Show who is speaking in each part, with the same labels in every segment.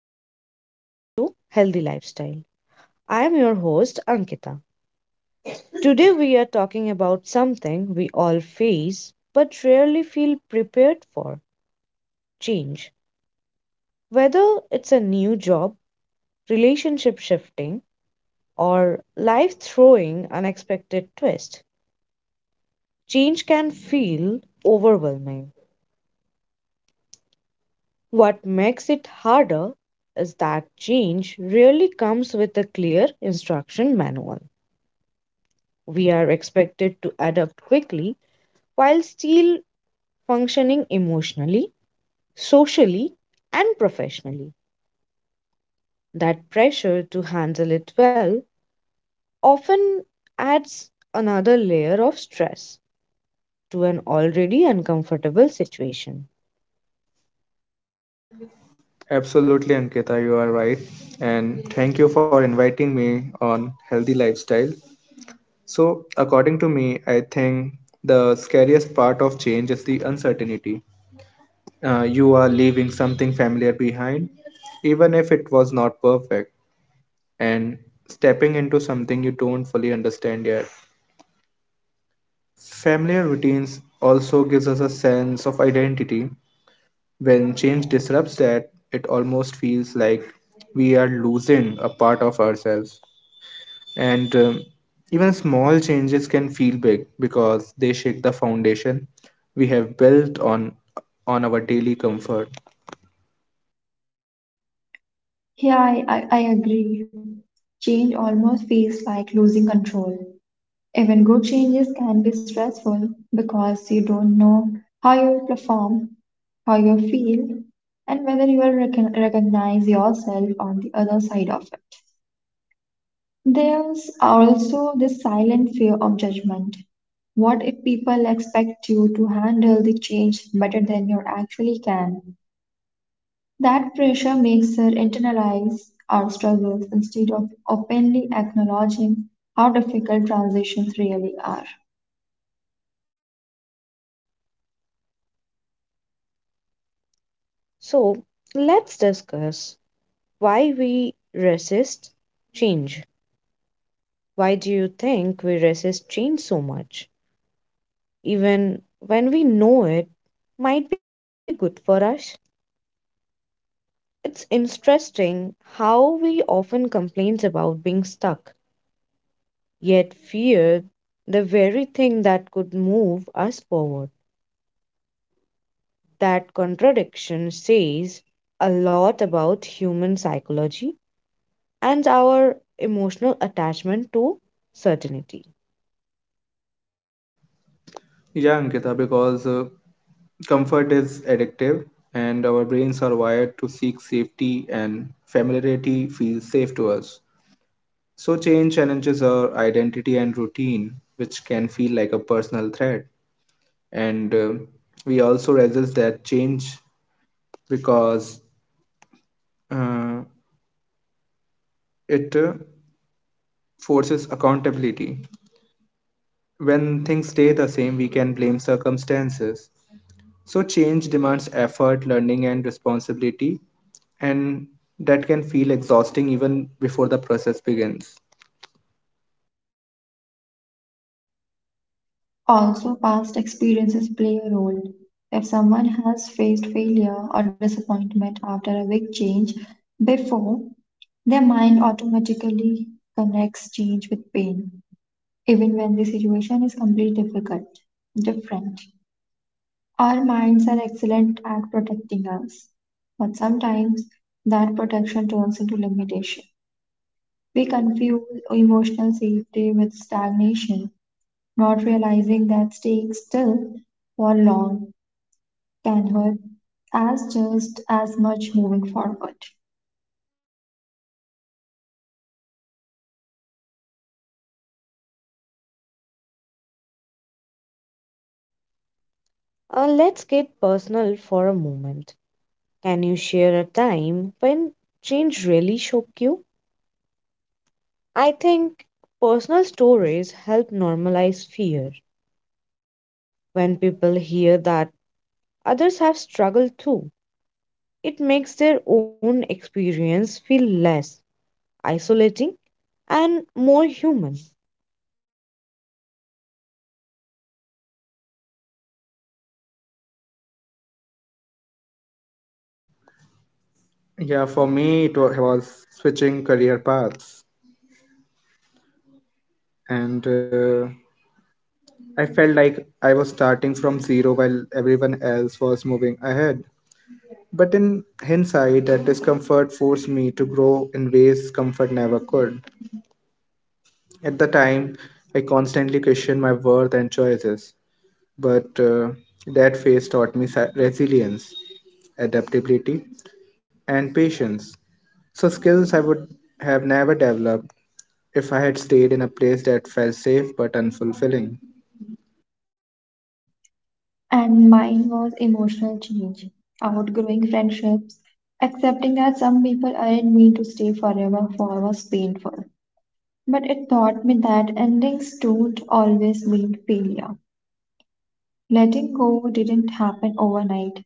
Speaker 1: and welcome back to Healthy Lifestyle. I am your host, Ankita. Today, we are talking about something we all face but rarely feel prepared for change. Whether it's a new job, relationship shifting, or life throwing unexpected twist, change can feel overwhelming. What makes it harder is that change rarely comes with a clear instruction manual. We are expected to adapt quickly while still functioning emotionally, socially, and professionally. That pressure to handle it well often adds another layer of stress to an already uncomfortable situation.
Speaker 2: Absolutely, Ankita, you are right. And thank you for inviting me on healthy lifestyle. So, according to me, I think the scariest part of change is the uncertainty. You are leaving something familiar behind, even if it was not perfect, and stepping into something you don't fully understand yet. Familiar routines also gives us a sense of identity. When change disrupts that, it almost feels like we are losing a part of ourselves. And even small changes can feel big because they shake the foundation we have built on our daily comfort.
Speaker 3: Yeah, I agree. Change almost feels like losing control. Even good changes can be stressful because you don't know how you will perform, how you will feel, and whether you will recognize yourself on the other side of it. There's also this silent fear of judgment. What if people expect you to handle the change better than you actually can? That pressure makes her internalize our struggles instead of openly acknowledging how difficult transitions really are.
Speaker 1: So, let's discuss why we resist change. Why do you think we resist change so much, even when we know it might be good for us? It's interesting how we often complain about being stuck, yet fear the very thing that could move us forward. That contradiction says a lot about human psychology and our emotional attachment to certainty.
Speaker 2: Yeah, Ankita, because comfort is addictive and our brains are wired to seek safety and familiarity feels safe to us. So change challenges our identity and routine, which can feel like a personal threat. And we also resist that change because uh, it forces accountability. When things stay the same, we can blame circumstances. So, change demands effort, learning, and responsibility, and that can feel exhausting even before the process begins.
Speaker 3: Also, past experiences play a role. If someone has faced failure or disappointment after a big change before, their mind automatically connects change with pain, even when the situation is completely difficult, different. Our minds are excellent at protecting us, but sometimes that protection turns into limitation. We confuse emotional safety with stagnation, not realizing that staying still for long can hurt as just as much moving forward.
Speaker 1: Let's get personal for a moment. Can you share a time when change really shook you? I think personal stories help normalize fear. When people hear that others have struggled too, it makes their own experience feel less isolating and more human.
Speaker 2: Yeah, for me, was switching career paths, and I felt like I was starting from zero while everyone else was moving ahead. But in hindsight, that discomfort forced me to grow in ways comfort never could. At the time, I constantly questioned my worth and choices, but that phase taught me resilience, adaptability, and patience. So, skills I would have never developed if I had stayed in a place that felt safe but unfulfilling.
Speaker 3: And mine was emotional change, outgrowing friendships, accepting that some people aren't meant to stay forever for was painful. But it taught me that endings don't always mean failure. Letting go didn't happen overnight.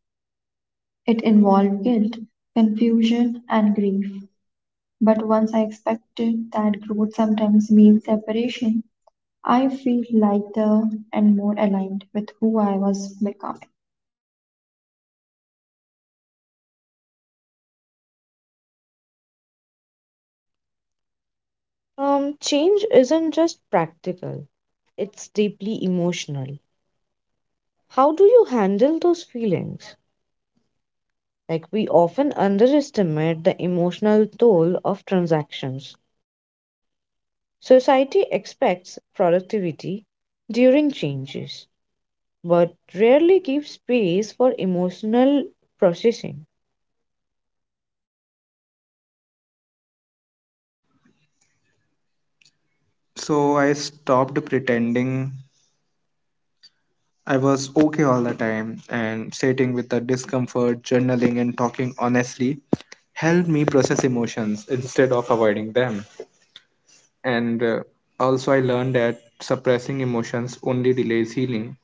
Speaker 3: It involved guilt, confusion, and grief. But once I accepted that growth sometimes means separation, I feel lighter and more aligned with who I was becoming.
Speaker 1: Change isn't just practical, it's deeply emotional. How do you handle those feelings? Like, we often underestimate the emotional toll of transactions. Society expects productivity during changes, but rarely give space for emotional processing.
Speaker 2: So, I stopped pretending I was okay all the time, and sitting with the discomfort, journaling, and talking honestly helped me process emotions instead of avoiding them. And also, I learned that suppressing emotions only delays healing.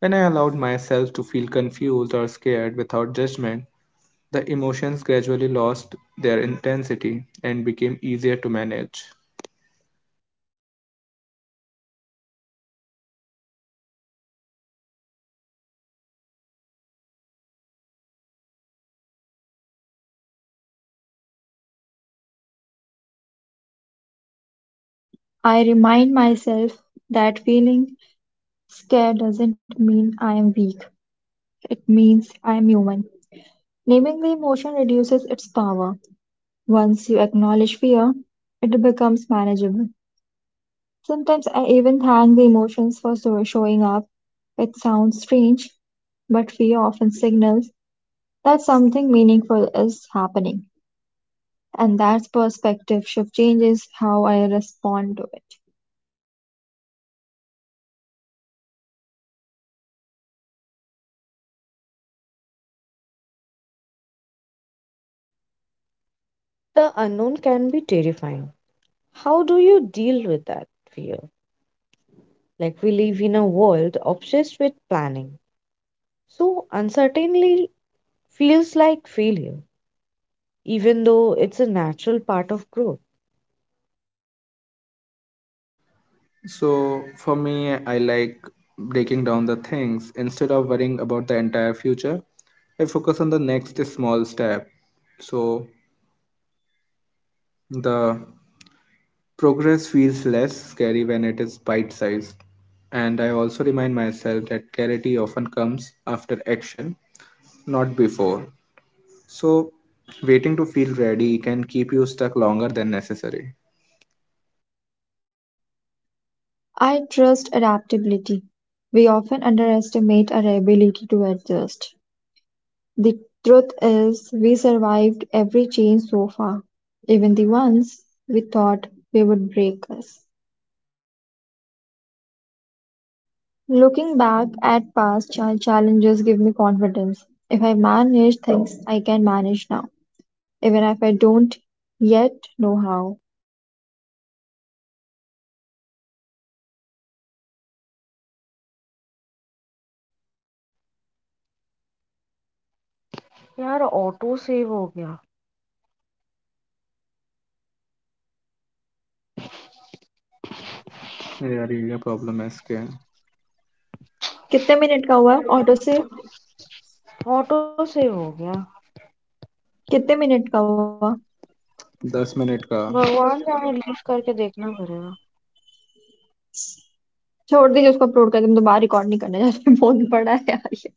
Speaker 2: When I allowed myself to feel confused or scared without judgment, the emotions gradually lost their intensity and became easier to manage.
Speaker 3: I remind myself that feeling scared doesn't mean I am weak, it means I am human. Naming the emotion reduces its power. Once you acknowledge fear, it becomes manageable. Sometimes I even thank the emotions for showing up. It sounds strange, but fear often signals that something meaningful is happening. And that perspective shift changes how I respond to it.
Speaker 1: The unknown can be terrifying. How do you deal with that fear? Like, we live in a world obsessed with planning. So, uncertainty feels like failure, even though it's a natural part of growth.
Speaker 2: So, for me, I like breaking down the things. Instead of worrying about the entire future, I focus on the next small step. So, the progress feels less scary when it is bite sized, and I also remind myself that clarity often comes after action, not before. So, waiting to feel ready can keep you stuck longer than necessary.
Speaker 3: I trust adaptability. We often underestimate our ability to adjust. The truth is, we survived every change so far, even the ones we thought we would break us. Looking back at past challenges give me confidence. If I manage things, I can manage now, even if I don't yet know how.
Speaker 2: यार ये क्या problem है इसके
Speaker 3: कितने minute का हुआ auto से कितने मिनट का हुआ
Speaker 2: दस मिनट का
Speaker 3: छोड़ दीजिए उसको अपलोड कर दे हम दोबारा रिकॉर्ड नहीं करने जा रहे बहुत बड़ा है यार ये